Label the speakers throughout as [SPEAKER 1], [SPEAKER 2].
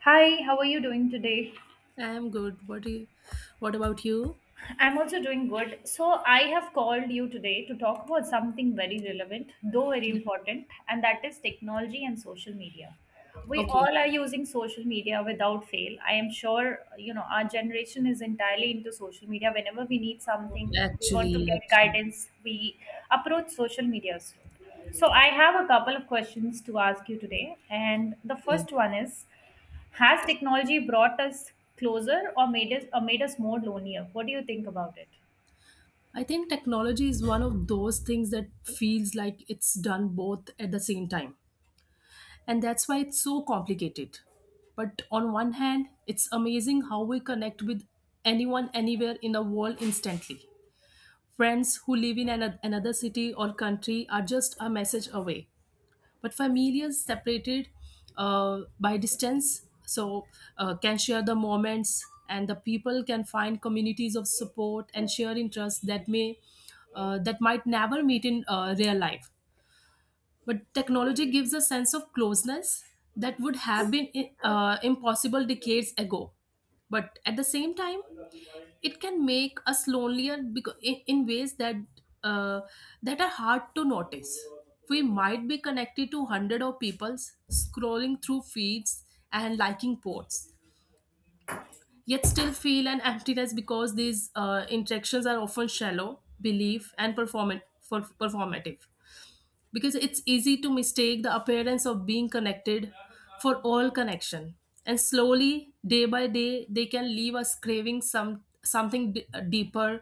[SPEAKER 1] Hi, how are you doing today?
[SPEAKER 2] I'm good. What about you?
[SPEAKER 1] I'm also doing good. So, I have called you today to talk about something very relevant, though very important, and that is technology and social media. We
[SPEAKER 2] Okay.
[SPEAKER 1] all are using social media without fail. I am sure, you know, our generation is entirely into social media. Whenever we need something, we want to
[SPEAKER 2] Actually,
[SPEAKER 1] get
[SPEAKER 2] actually,
[SPEAKER 1] guidance, we approach social media. Soon. So, I have a couple of questions to ask you today. And the
[SPEAKER 2] okay.
[SPEAKER 1] first one is, has technology brought us closer or made us more lonelier? What do you think about it?
[SPEAKER 2] I think technology is one of those things that feels like it's done both at the same time. And that's why it's so complicated. But on one hand, it's amazing how we connect with anyone anywhere in the world instantly. Friends who live in another city or country are just a message away. But families separated by distance can share the moments, and the people can find communities of support and share interests that may that might never meet in real life. But technology gives a sense of closeness that would have been impossible decades ago. But at the same time, it can make us lonelier because in ways that uh, that are hard to notice. We might be connected to hundred of peoples, scrolling through feeds and liking posts, yet still feel an emptiness because these interactions are often shallow belief and performant for performative, because it's easy to mistake the appearance of being connected for all connection. And slowly day by day they can leave us craving something deeper.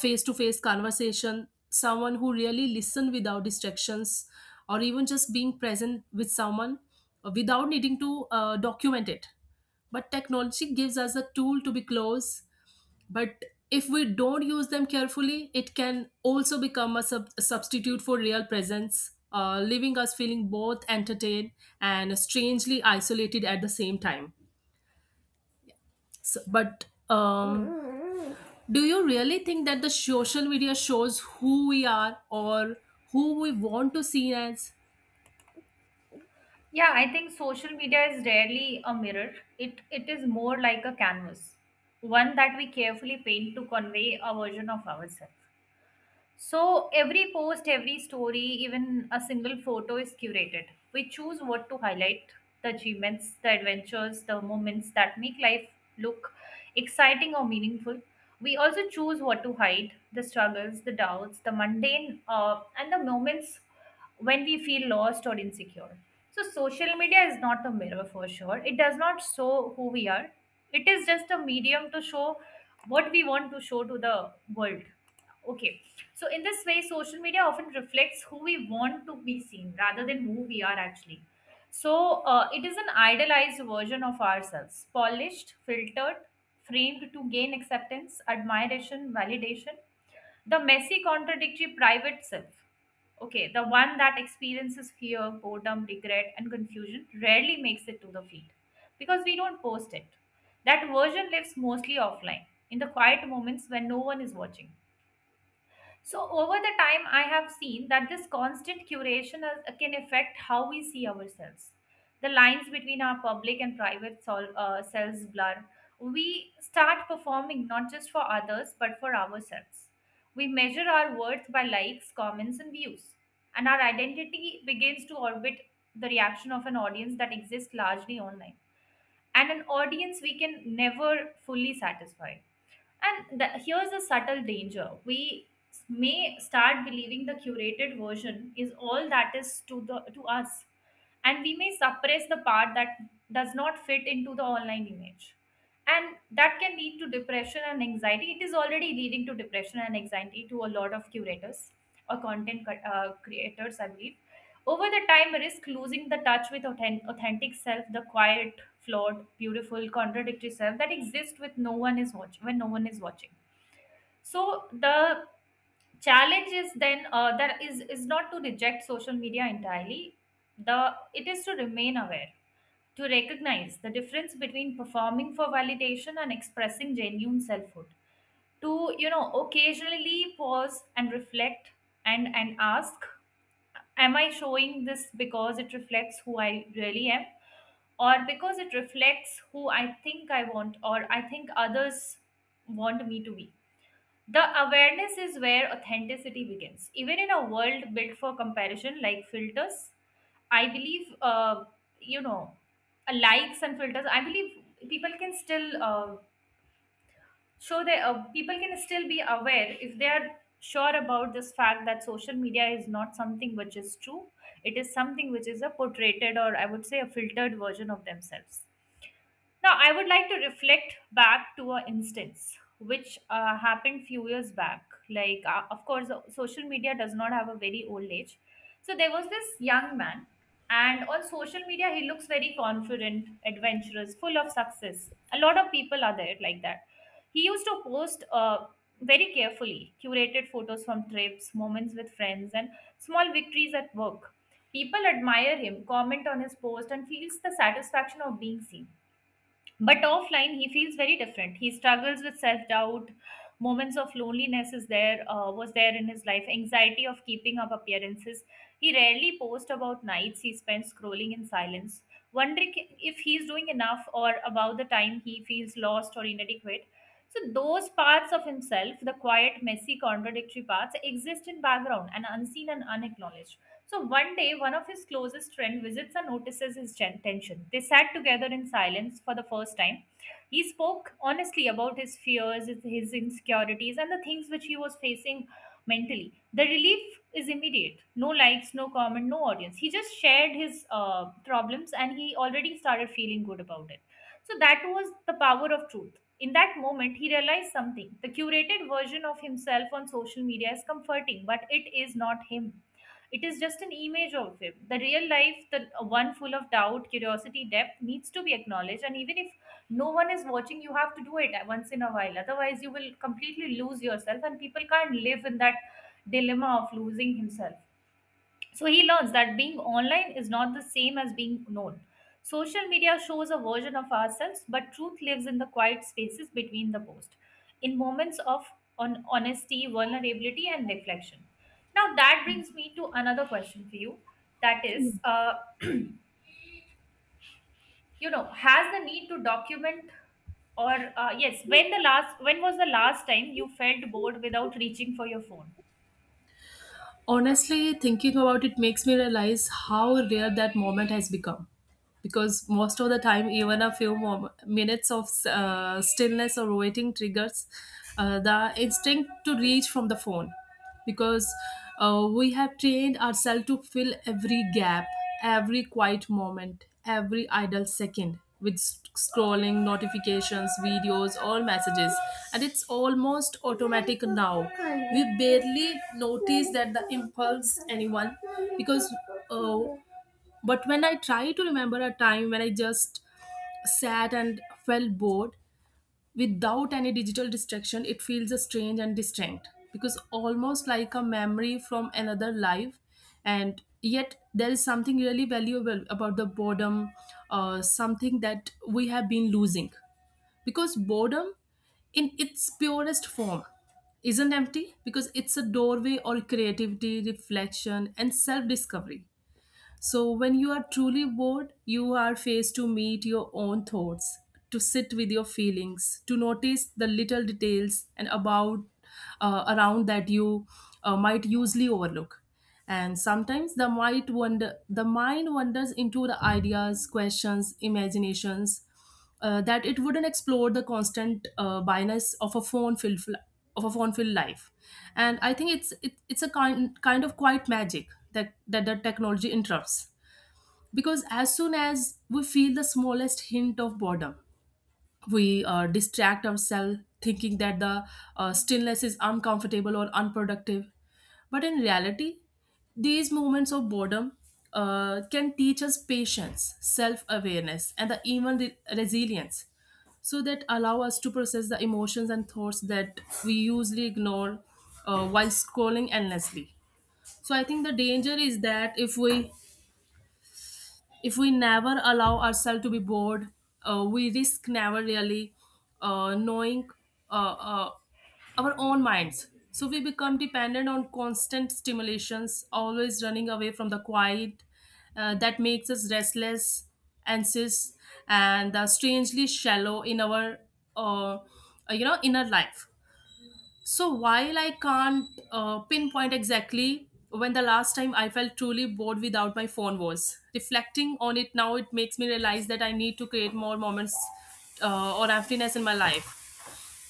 [SPEAKER 2] Face to face conversation, someone who really listen without distractions, or even just being present with someone without needing to document it. But technology gives us a tool to be close. But if we don't use them carefully, it can also become a substitute for real presence, leaving us feeling both entertained and strangely isolated at the same time. So, but um, do you really think that the social media shows who we are, or who we want to see as?
[SPEAKER 1] Yeah, I think social media is rarely a mirror. It is more like a canvas, one that we carefully paint to convey a version of ourselves. So every post, every story, even a single photo is curated. We choose what to highlight the achievements, the adventures, the moments that make life look exciting or meaningful. We also choose what to hide the struggles, the doubts, the mundane, and the moments when we feel lost or insecure. So, social media is not a mirror for sure. It does not show who we are, it is just a medium to show what we want to show to the world. Okay, so, in this way, social media often reflects who we want to be seen rather than who we are actually. So, it is an idealized version of ourselves, polished, filtered, framed to gain acceptance, admiration, validation, the messy, contradictory private self. Okay, the one that experiences fear, boredom, regret, and confusion rarely makes it to the feed because we don't post it. That version lives mostly offline in the quiet moments when no one is watching. So, over the time, I have seen that this constant curation is, can affect how we see ourselves. The lines between our public and selves blur. We start performing not just for others but for ourselves. We measure our worth by likes, comments, and views. And our identity begins to orbit the reaction of an audience that exists largely online. And an audience we can never fully satisfy. Here's a subtle danger. We may start believing the curated version is all that is to us, and we may suppress the part that does not fit into the online image. And that can lead to depression and anxiety. It is already leading to depression and anxiety to a lot of curators or creators, I believe. Over the time, risk losing the touch with authentic self, the quiet flawed, beautiful, contradictory self that exists with no one is watching when no one is watching. So the challenge is then that is not to reject social media entirely. The It is to remain aware, to recognize the difference between performing for validation and expressing genuine selfhood. To you know occasionally pause and reflect and ask, am I showing this because it reflects who I really am? Or because it reflects who I think I want or I think others want me to be. The awareness is where authenticity begins. Even in a world built for comparison, like filters, I believe, you know, likes and filters, I believe people can still people can still be aware if they are sure about this fact that social media is not something which is true. It is something which is a portrayed or I would say a filtered version of themselves. Now, I would like to reflect back to an instance which happened few years back. Like, of course, social media does not have a very old age. So there was this young man, and on social media, he looks very confident, adventurous, full of success. A lot of people are there like that. He used to post very carefully curated photos from trips, moments with friends, and small victories at work. People admire him, comment on his post, and feels the satisfaction of being seen but offline, he feels very different. He struggles with self doubt. Moments of loneliness is there was there in his life. Anxiety of keeping up appearances. He rarely posts about nights he spends scrolling in silence, wondering if he's doing enough or about the time he feels lost or inadequate. So those parts of himself, the quiet, messy, contradictory parts, exist in background and unseen and unacknowledged. So one day, one of his closest friends visits and notices his tension. They sat together in silence for the first time. He spoke honestly about his fears, his insecurities, and the things which he was facing mentally. The relief is immediate. No likes, no comment, no audience. He just shared his problems and he already started feeling good about it. So that was the power of truth. In that moment, he realized something. The curated version of himself on social media is comforting, but it is not him, it is just an image of him. The real life, the one full of doubt, curiosity, depth, needs to be acknowledged. And even if no one is watching, you have to do it once in a while. Otherwise, you will completely lose yourself, and people can't live in that dilemma of losing himself. So he learns that being online is not the same as being known. Social media shows a version of ourselves, but truth lives in the quiet spaces between the posts, in moments of on honesty, vulnerability, and reflection. Now that brings me to another question for you. That is, you know, has the need to document or yes, when was the last time you felt bored without reaching for your phone?
[SPEAKER 2] Honestly, thinking about it makes me realize how rare that moment has become, because most of the time even a few more minutes of stillness or waiting triggers the instinct to reach from the phone. Because we have trained ourselves to fill every gap, every quiet moment, every idle second with scrolling, notifications, videos, or messages. And it's almost automatic now, we barely notice that the impulse anyone. Because uh, but when I try to remember a time when I just sat and felt bored without any digital distraction, it feels a strange and distinct, because almost like a memory from another life. And yet, there is something really valuable about the boredom, something that we have been losing. Because boredom, in its purest form, isn't empty, because it's a doorway or creativity, reflection, and self discovery. So, when you are truly bored, you are faced to meet your own thoughts, to sit with your feelings, to notice the little details and about around that you might usually overlook. And sometimes the mind wanders into the ideas, questions, imaginations that it wouldn't explore the constant bias of a phone filled life. And I think it's a kind of quiet magic that the technology interrupts, because as soon as we feel the smallest hint of boredom, we distract ourselves thinking that the stillness is uncomfortable or unproductive. But in reality, these moments of boredom can teach us patience, self-awareness, and the even resilience. So that allow us to process the emotions and thoughts that we usually ignore while scrolling endlessly. So I think the danger is that if we never allow ourselves to be bored, we risk never really knowing uh, uh, our own minds. So we become dependent on constant stimulations, always running away from the quiet that makes us restless, anxious, and strangely shallow in our, uh, inner life. So while I can't pinpoint exactly when the last time I felt truly bored without my phone was, reflecting on it now, it makes me realize that I need to create more moments or emptiness in my life,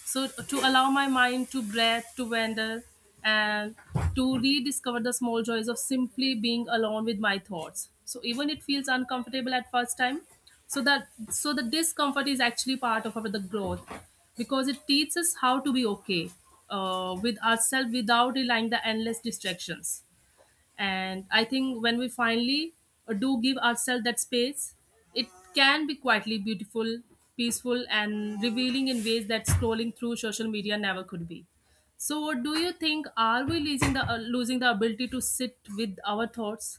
[SPEAKER 2] so to allow my mind to breathe, to wander, and to rediscover the small joys of simply being alone with my thoughts. So even it feels uncomfortable at first time, so the discomfort is actually part of our the growth, because it teaches us how to be okay with ourselves without relying the endless distractions. And I think when we finally do give ourselves that space, it can be quietly beautiful, peaceful, and revealing in ways that scrolling through social media never could be. So do you think are we losing the ability to sit with our thoughts?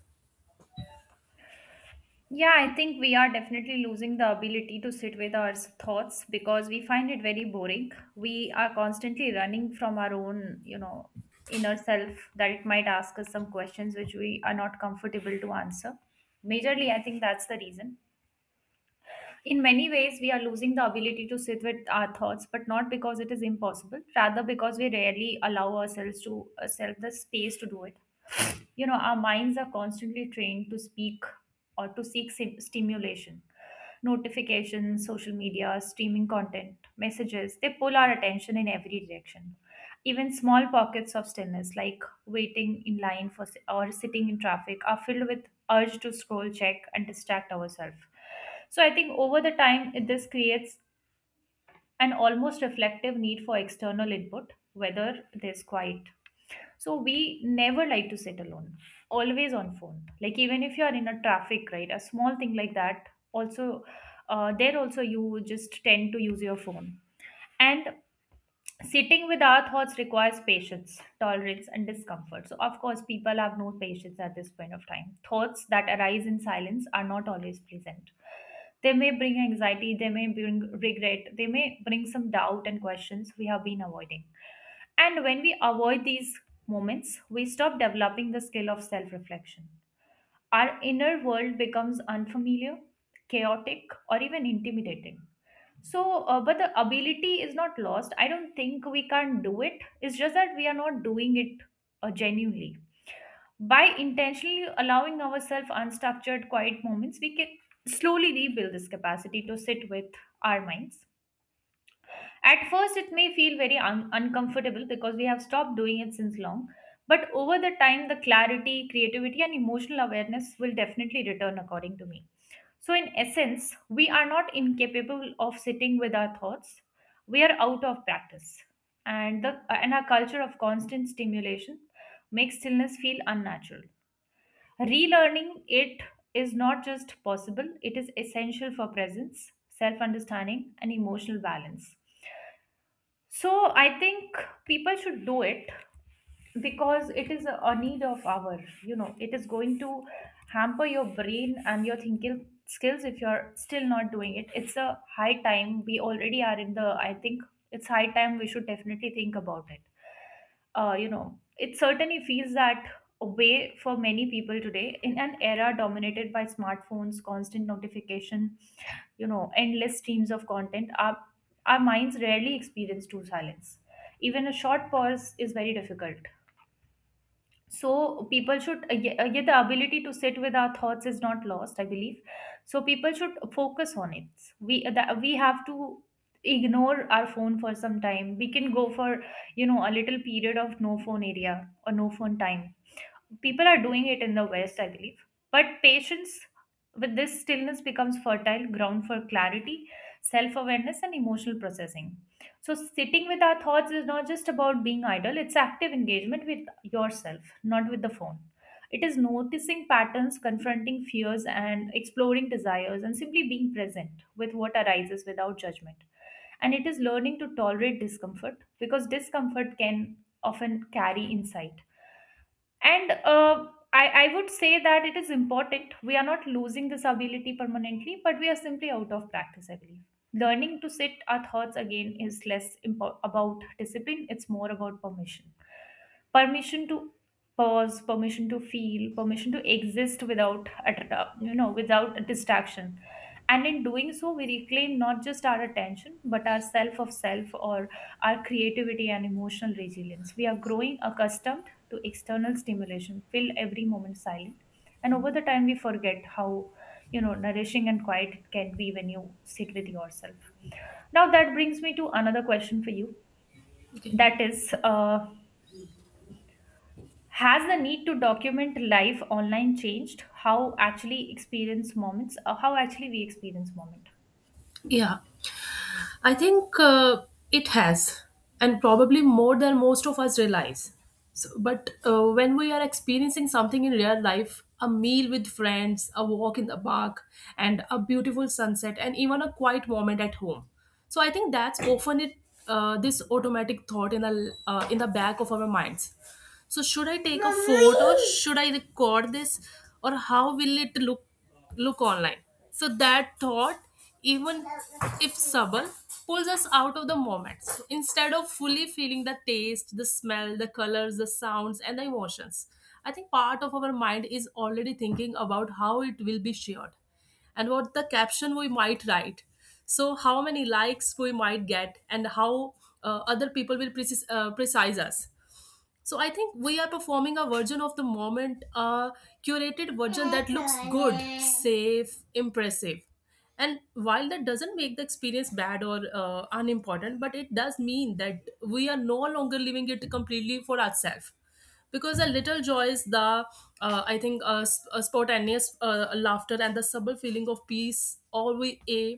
[SPEAKER 1] Yeah, I think we are definitely losing the ability to sit with our thoughts because we find it very boring. We are constantly running from our own, you know, inner self that it might ask us some questions which we are not comfortable to answer. Majorly, I think that's the reason. In many ways, we are losing the ability to sit with our thoughts, but not because it is impossible, rather because we rarely allow ourselves to ourselves the space to do it. You know, our minds are constantly trained to speak or to seek stimulation, notifications, social media, streaming content, messages, they pull our attention in every direction. Even small pockets of stillness like waiting in line for or sitting in traffic are filled with urge to scroll, check, and distract ourselves. So I think over the time this creates an almost reflective need for external input, whether there's quiet. So we never like to sit alone, always on phone. Like even if you are in a traffic, right, a small thing like that, also, there also you just tend to use your phone. And sitting with our thoughts requires patience, tolerance, and discomfort. So, of course, people have no patience at this point of time. Thoughts that arise in silence are not always pleasant. They may bring anxiety, they may bring regret, they may bring some doubt and questions we have been avoiding. And when we avoid these moments, we stop developing the skill of self reflection. Our inner world becomes unfamiliar, chaotic, or even intimidating. So, but the ability is not lost. I don't think we can't do it. It's just that we are not doing it genuinely. By intentionally allowing ourselves unstructured, quiet moments, we can slowly rebuild this capacity to sit with our minds. At first, it may feel uncomfortable because we have stopped doing it since long. But over the time, the clarity, creativity, and emotional awareness will definitely return, according to me. So, in essence, we are not incapable of sitting with our thoughts. We are out of practice. And our culture of constant stimulation makes stillness feel unnatural. Relearning it is not just possible, it is essential for presence, self understanding, and emotional balance. So I think people should do it because it is a need of our, you know, it is going to hamper your brain and your thinking skills if you're still not doing it. It's a high time. We already are in the, I think It's high time we should definitely think about it. You know, it certainly feels that way for many people today in an era dominated by smartphones, constant notification, you know, endless streams of content. Our minds rarely experience true silence. Even a short pause is very difficult, so people should, yeah, the ability to sit with our thoughts is not lost, I believe. So people should focus on it. We uh, that we have to ignore our phone for some time, we can go for, a little period of no phone area or no phone time. People are doing it in the West, I believe. But patience with this stillness becomes fertile ground for clarity, self-awareness, and emotional processing. So sitting with our thoughts is not just about being idle, it's active engagement with yourself, not with the phone. It is noticing patterns, confronting fears, and exploring desires, and simply being present with what arises without judgment. And it is learning to tolerate discomfort, because discomfort can often carry insight. And I would say that it is important, we are not losing this ability permanently, but we are simply out of practice, I believe. Learning to sit our thoughts again is less about discipline, it's more about permission. Permission to pause, permission to feel, permission to exist without without distraction. And in doing so, we reclaim not just our attention but our self of self, or our creativity and emotional resilience. We are growing accustomed to external stimulation fill every moment silent. And over the time we forget how, nourishing and quiet it can be when you sit with yourself. Now that brings me to another question for you.
[SPEAKER 2] Okay.
[SPEAKER 1] That is, has the need to document life online changed how actually experience moments, how actually we experience moment?
[SPEAKER 2] Yeah, I think it has, and probably more than most of us realize. But when we are experiencing something in real life, a meal with friends, a walk in the park, and a beautiful sunset, and even a quiet moment at home. So I think that's often it. This automatic thought in the back of our minds, so should I take a photo? Should I record this? Or how will it look look online? So that thought, even if subtle, pulls us out of the moment. So instead of fully feeling the taste, the smell, the colors, the sounds, and the emotions, I think part of our mind is already thinking about how it will be shared and what the caption we might write. So, how many likes we might get, and how other people will precise us. So I think we are performing a version of the moment, a curated version that looks good, safe, impressive. And while that doesn't make the experience bad or unimportant, but it does mean that we are no longer living it completely for ourselves. Because a little joy is the, a spontaneous laughter and the subtle feeling of peace, all we aim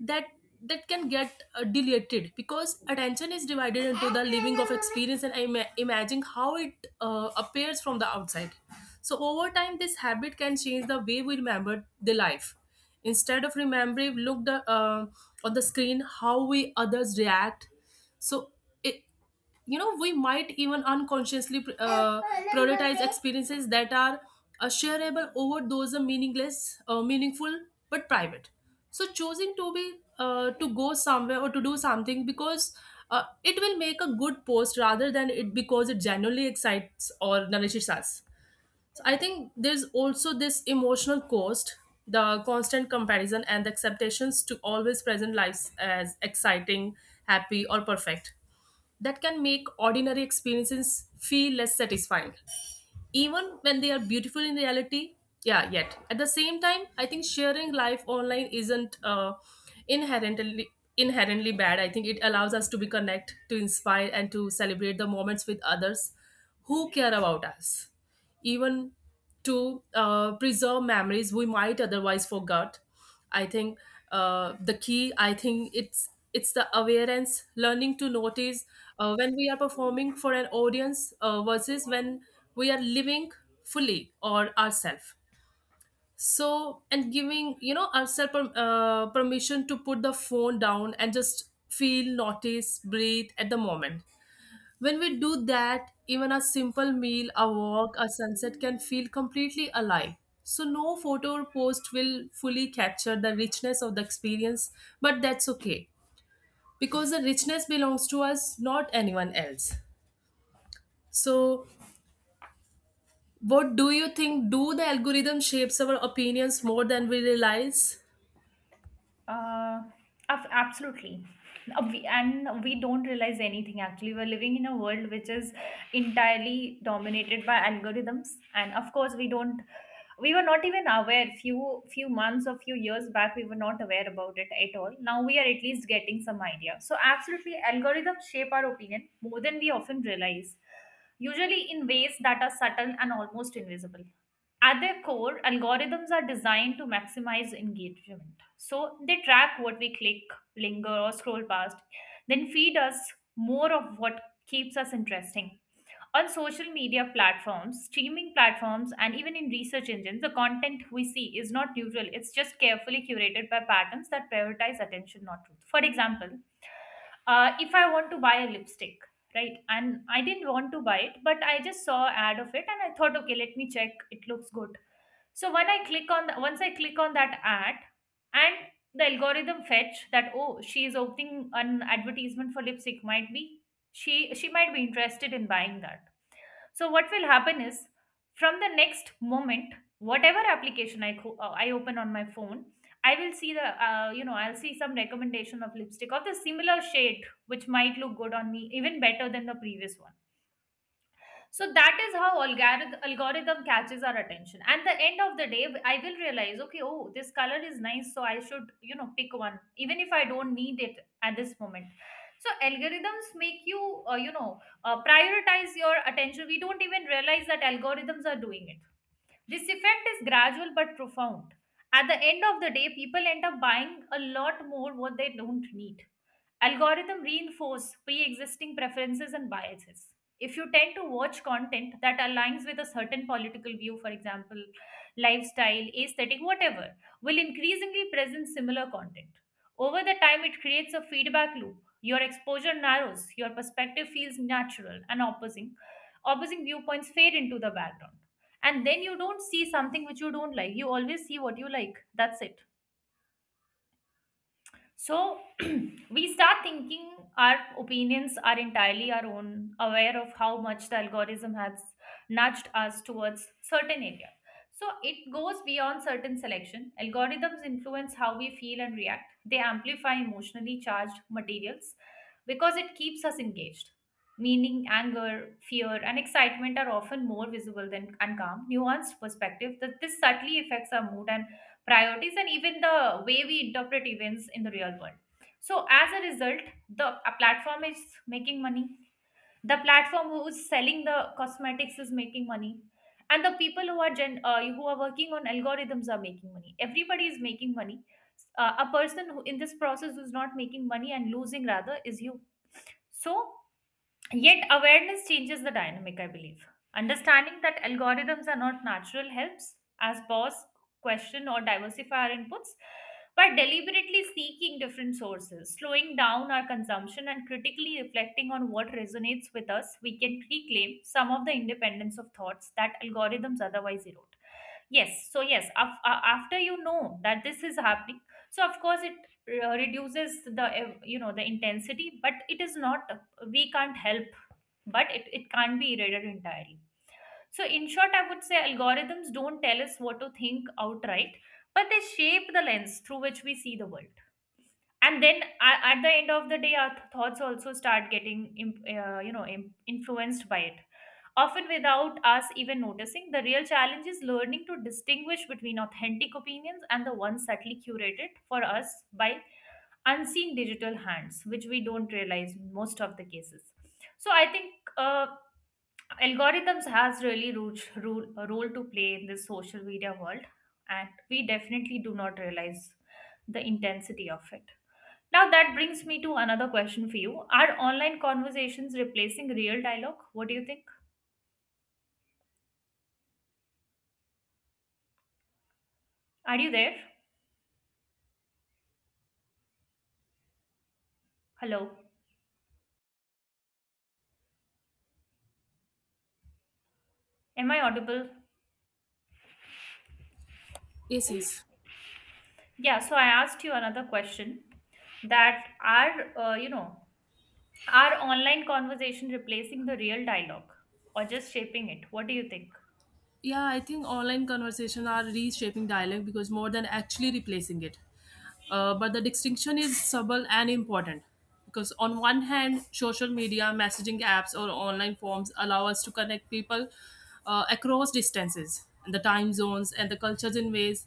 [SPEAKER 2] that that can get deleted, because attention is divided into the living of experience and imagine how it appears from the outside. So over time this habit can change the way we remember the life, instead of remembering look the, on the screen how we others react. So it, you know, we might even unconsciously prioritize experiences that are shareable over those are meaningless meaningful but private. So choosing to be to go somewhere or to do something because it will make a good post rather than it because it genuinely excites or nourishes us. So I think there's also this emotional cost, the constant comparison and the acceptations to always present lives as exciting, happy, or perfect, that can make ordinary experiences feel less satisfying, even when they are beautiful in reality. Yeah, yet at the same time I think sharing life online isn't inherently inherently bad. I think it allows us to be connect, to inspire, and to celebrate the moments with others who care about us, even to preserve memories we might otherwise forget. I think the key, I think it's the awareness, learning to notice when we are performing for an audience versus when we are living fully or ourselves. So and giving, you know, ourselves permission to put the phone down and just feel, notice, breathe at the moment. When we do that, even a simple meal, a walk, a sunset can feel completely alive. So, no photo or post will fully capture the richness of the experience, but that's okay, because the richness belongs to us, not anyone else. So, what do you think? Do the algorithm shapes our opinions more than we realize?
[SPEAKER 1] Uh, Absolutely. And we don't realize anything actually. We're living in a world which is entirely dominated by algorithms. And of course, we don't, we were not even aware, few months or few years back, we were not aware about it at all. Now we are at least getting some idea. So, absolutely, algorithms shape our opinion more than we often realize, usually in ways that are subtle and almost invisible. At their core, algorithms are designed to maximize engagement. So they track what we click, linger, or scroll past, then feed us more of what keeps us interesting on social media platforms, streaming platforms, and even in research engines. The content we see is not neutral. It's just carefully curated by patterns that prioritize attention, not truth. For example, if I want to buy a lipstick, right, and I didn't want to buy it, but I just saw an ad of it, and I thought, okay, let me check. It looks good. So when I click on the, once I click on that ad, and the algorithm fetch that, oh, she is opening an advertisement for lipstick, might be she might be interested in buying that. So what will happen is, from the next moment, whatever application I open on my phone, I'll see some recommendation of lipstick of the similar shade, which might look good on me, even better than the previous one. So that is how algorithm catches our attention. And the end of the day, I will realize, okay, oh, this color is nice, so I should, pick one, even if I don't need it at this moment. So algorithms make you, prioritize your attention. We don't even realize that algorithms are doing it. This effect is gradual but profound. At the end of the day, people end up buying a lot more what they don't need. Algorithm reinforce pre-existing preferences and biases. If you tend to watch content that aligns with a certain political view, for example, lifestyle, aesthetic, whatever, will increasingly present similar content. Over the time, it creates a feedback loop. Your exposure narrows, your perspective feels natural, and opposing viewpoints fade into the background. And then you don't see something which you don't like, you always see what you like, that's it. So we start thinking our opinions are entirely our own, aware of how much the algorithm has nudged us towards certain area. So it goes beyond certain selection. Algorithms influence how we feel and react. They amplify emotionally charged materials because it keeps us engaged. Meaning, anger, fear, and excitement are often more visible than uncalm, nuanced perspective that this subtly affects our mood and priorities, and even the way we interpret events in the real world. So, as a result, the a platform is making money. The platform who is selling the cosmetics is making money, and the people who are who are working on algorithms are making money. Everybody is making money. A person who in this process who is not making money and losing rather is you. So, yet, awareness changes the dynamic, I believe. Understanding that algorithms are not natural helps us pause, question, or diversify our inputs by deliberately seeking different sources, slowing down our consumption, and critically reflecting on what resonates with us. We can reclaim some of the independence of thoughts that algorithms otherwise erode. Yes, so yes, after you know that this is happening, so of course it reduces the the intensity, but it is not, we can't help, but it can't be erased entirely. So, in short, I would say algorithms don't tell us what to think outright, but they shape the lens through which we see the world. And then at the end of the day, our thoughts also start getting, influenced by it. Often without us even noticing, the real challenge is learning to distinguish between authentic opinions and the ones subtly curated for us by unseen digital hands, which we don't realize most of the cases. So I think algorithms has really role, a role to play in this social media world, and we definitely do not realize the intensity of it. Now that brings me to another question for you. Are online conversations replacing real dialogue? What do you think? Are you there? Hello? Am I audible?
[SPEAKER 2] Yes, yes.
[SPEAKER 1] Yeah, so I asked you another question, that are, are online conversation replacing the real dialogue, or just shaping it? What do you think?
[SPEAKER 2] Yeah, I think online conversations are reshaping dialect because more than actually replacing it. But the distinction is subtle and important, because on one hand, social media, messaging apps, or online forms allow us to connect people across distances and the time zones and the cultures in ways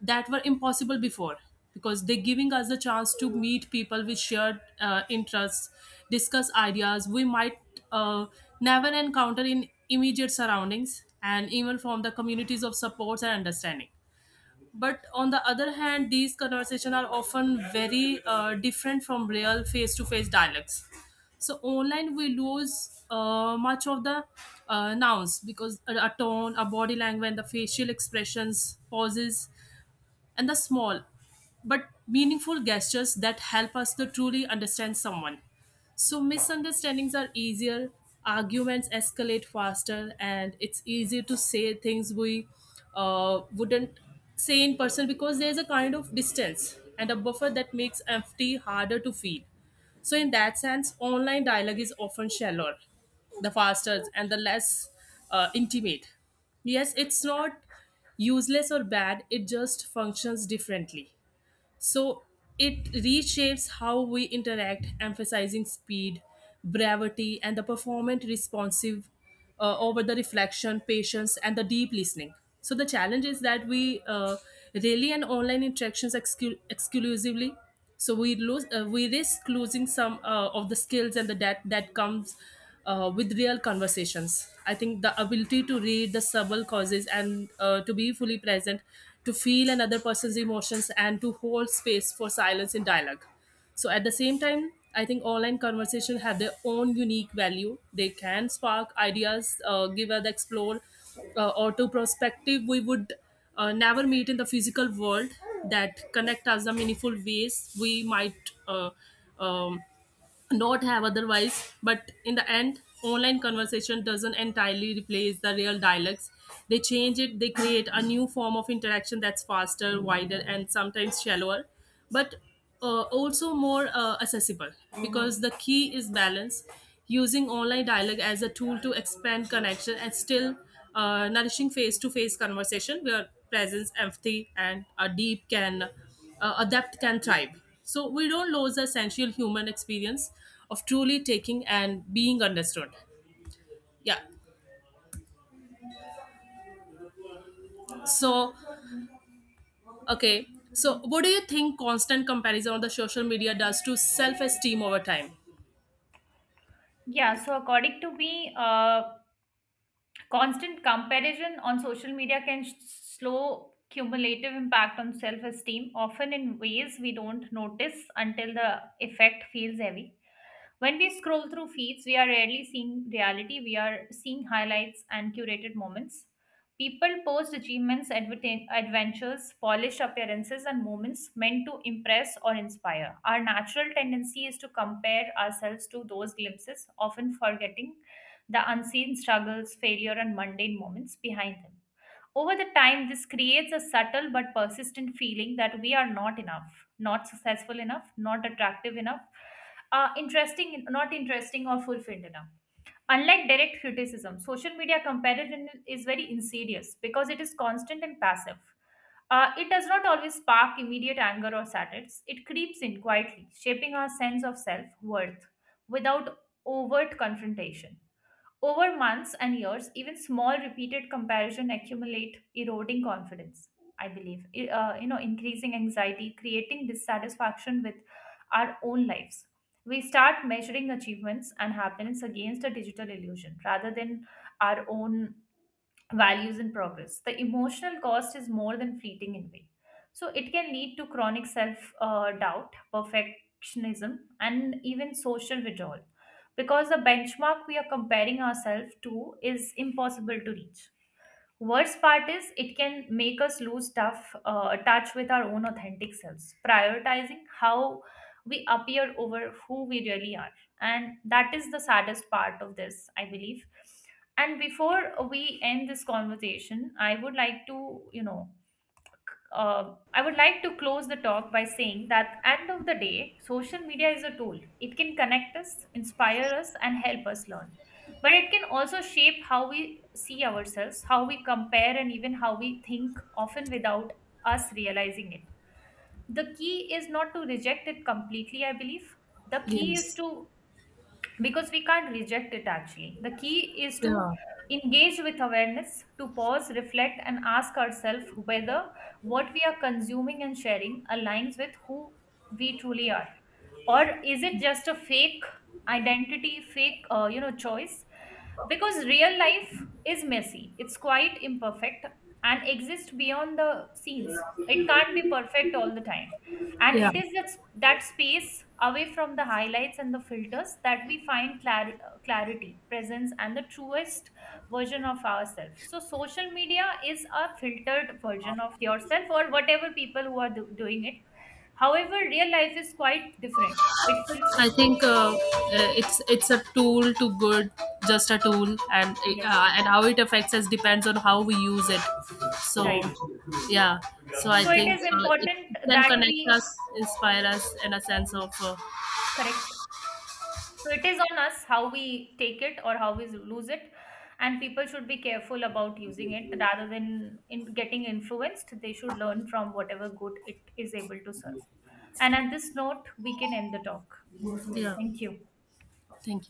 [SPEAKER 2] that were impossible before, because they're giving us the chance to meet people with shared interests, discuss ideas we might uh, never encounter in immediate surroundings, and even from the communities of supports and understanding. But on the other hand these conversations are often very different from real face-to-face dialogues. So online we lose much of the nouns, because a tone, a body language, and the facial expressions, pauses, and the small but meaningful gestures that help us to truly understand someone. So misunderstandings are easier, arguments escalate faster, and it's easier to say things we wouldn't say in person, because there's a kind of distance and a buffer that makes empathy harder to feel. So in that sense, online dialogue is often shallower, the faster, and the less intimate. Yes, it's not useless or bad. It just functions differently. So it reshapes how we interact, emphasizing speed, brevity, and the performant responsive over the reflection, patience, and the deep listening. So the challenge is that we rely on online interactions exclusively, so we lose we risk losing some of the skills and the that that comes with real conversations. I think the ability to read the subtle causes and to be fully present, to feel another person's emotions, and to hold space for silence in dialogue. So at the same time, I think online conversations have their own unique value. They can spark ideas, give us the explore, or to perspective we would never meet in the physical world, that connect us in meaningful ways we might um, not have otherwise. But in the end online conversation doesn't entirely replace the real dialects, they change it, they create a new form of interaction that's faster, wider, and sometimes shallower, but also more accessible, because the key is balance. Using online dialogue as a tool to expand connection and still nourishing face-to-face conversation where presence, empathy, and a deep can adept can thrive. So we don't lose the essential human experience of truly taking and being understood. Yeah. So, okay. So, what do you think constant comparison on the social media does to self esteem over time?
[SPEAKER 1] Yeah, so according to me, constant comparison on social media can slow cumulative impact on self esteem, often in ways we don't notice until the effect feels heavy. When we scroll through feeds, we are rarely seeing reality, we are seeing highlights and curated moments. People post achievements, adventures, polished appearances, and moments meant to impress or inspire. Our natural tendency is to compare ourselves to those glimpses, often forgetting the unseen struggles, failure, and mundane moments behind them. Over the time, this creates a subtle but persistent feeling that we are not enough, not successful enough, not attractive enough, interesting, not interesting, or fulfilled enough. Unlike direct criticism, social media comparison is very insidious because it is constant and passive. It does not always spark immediate anger or sadness. It creeps in quietly, shaping our sense of self worth without overt confrontation. Over months and years, even small repeated comparison accumulate, eroding confidence, I believe, increasing anxiety, creating dissatisfaction with our own lives. We start measuring achievements and happiness against a digital illusion rather than our own values and progress. The emotional cost is more than fleeting envy. So it can lead to chronic self doubt, perfectionism, and even social withdrawal, because the benchmark we are comparing ourselves to is impossible to reach. Worst part is it can make us lose tough touch with our own authentic selves, prioritizing how we appear over who we really are. And that is the saddest part of this, I believe. And before we end this conversation, I would like to close the talk by saying that end of the day, social media is a tool. It can connect us, inspire us, and help us learn. But it can also shape how we see ourselves, how we compare, and even how we think, often without us realizing it. The key is not to reject it completely, I believe. The key is
[SPEAKER 2] Yes.
[SPEAKER 1] to, because we can't reject it actually. The key is to
[SPEAKER 2] Yeah.
[SPEAKER 1] engage with awareness, to pause, reflect, and ask ourselves whether what we are consuming and sharing aligns with who we truly are. Or is it just a fake identity, fake, choice? Because real life is messy, it's quite imperfect, and exists beyond the scenes. It can't be perfect all the time, and
[SPEAKER 2] Yeah.
[SPEAKER 1] it is that, that space away from the highlights and the filters that we find clarity, presence, and the truest version of ourselves. So social media is a filtered version of yourself, or whatever people who are doing it. However, real life is quite different. It feels with.
[SPEAKER 2] I think it's a tool to good, just a tool,
[SPEAKER 1] Yes.
[SPEAKER 2] and how it affects us depends on how we use it. So,
[SPEAKER 1] Right.
[SPEAKER 2] yeah. So I
[SPEAKER 1] So it
[SPEAKER 2] think
[SPEAKER 1] is
[SPEAKER 2] it
[SPEAKER 1] important
[SPEAKER 2] can
[SPEAKER 1] that
[SPEAKER 2] connect
[SPEAKER 1] we.
[SPEAKER 2] us, inspire us, in a sense of
[SPEAKER 1] Correct. So it is on us, how we take it or how we lose it. And people should be careful about using it, rather than in getting influenced, they should learn from whatever good it is able to serve. And at this note we can end the talk.
[SPEAKER 2] yeah.
[SPEAKER 1] Thank you.
[SPEAKER 2] Thank you.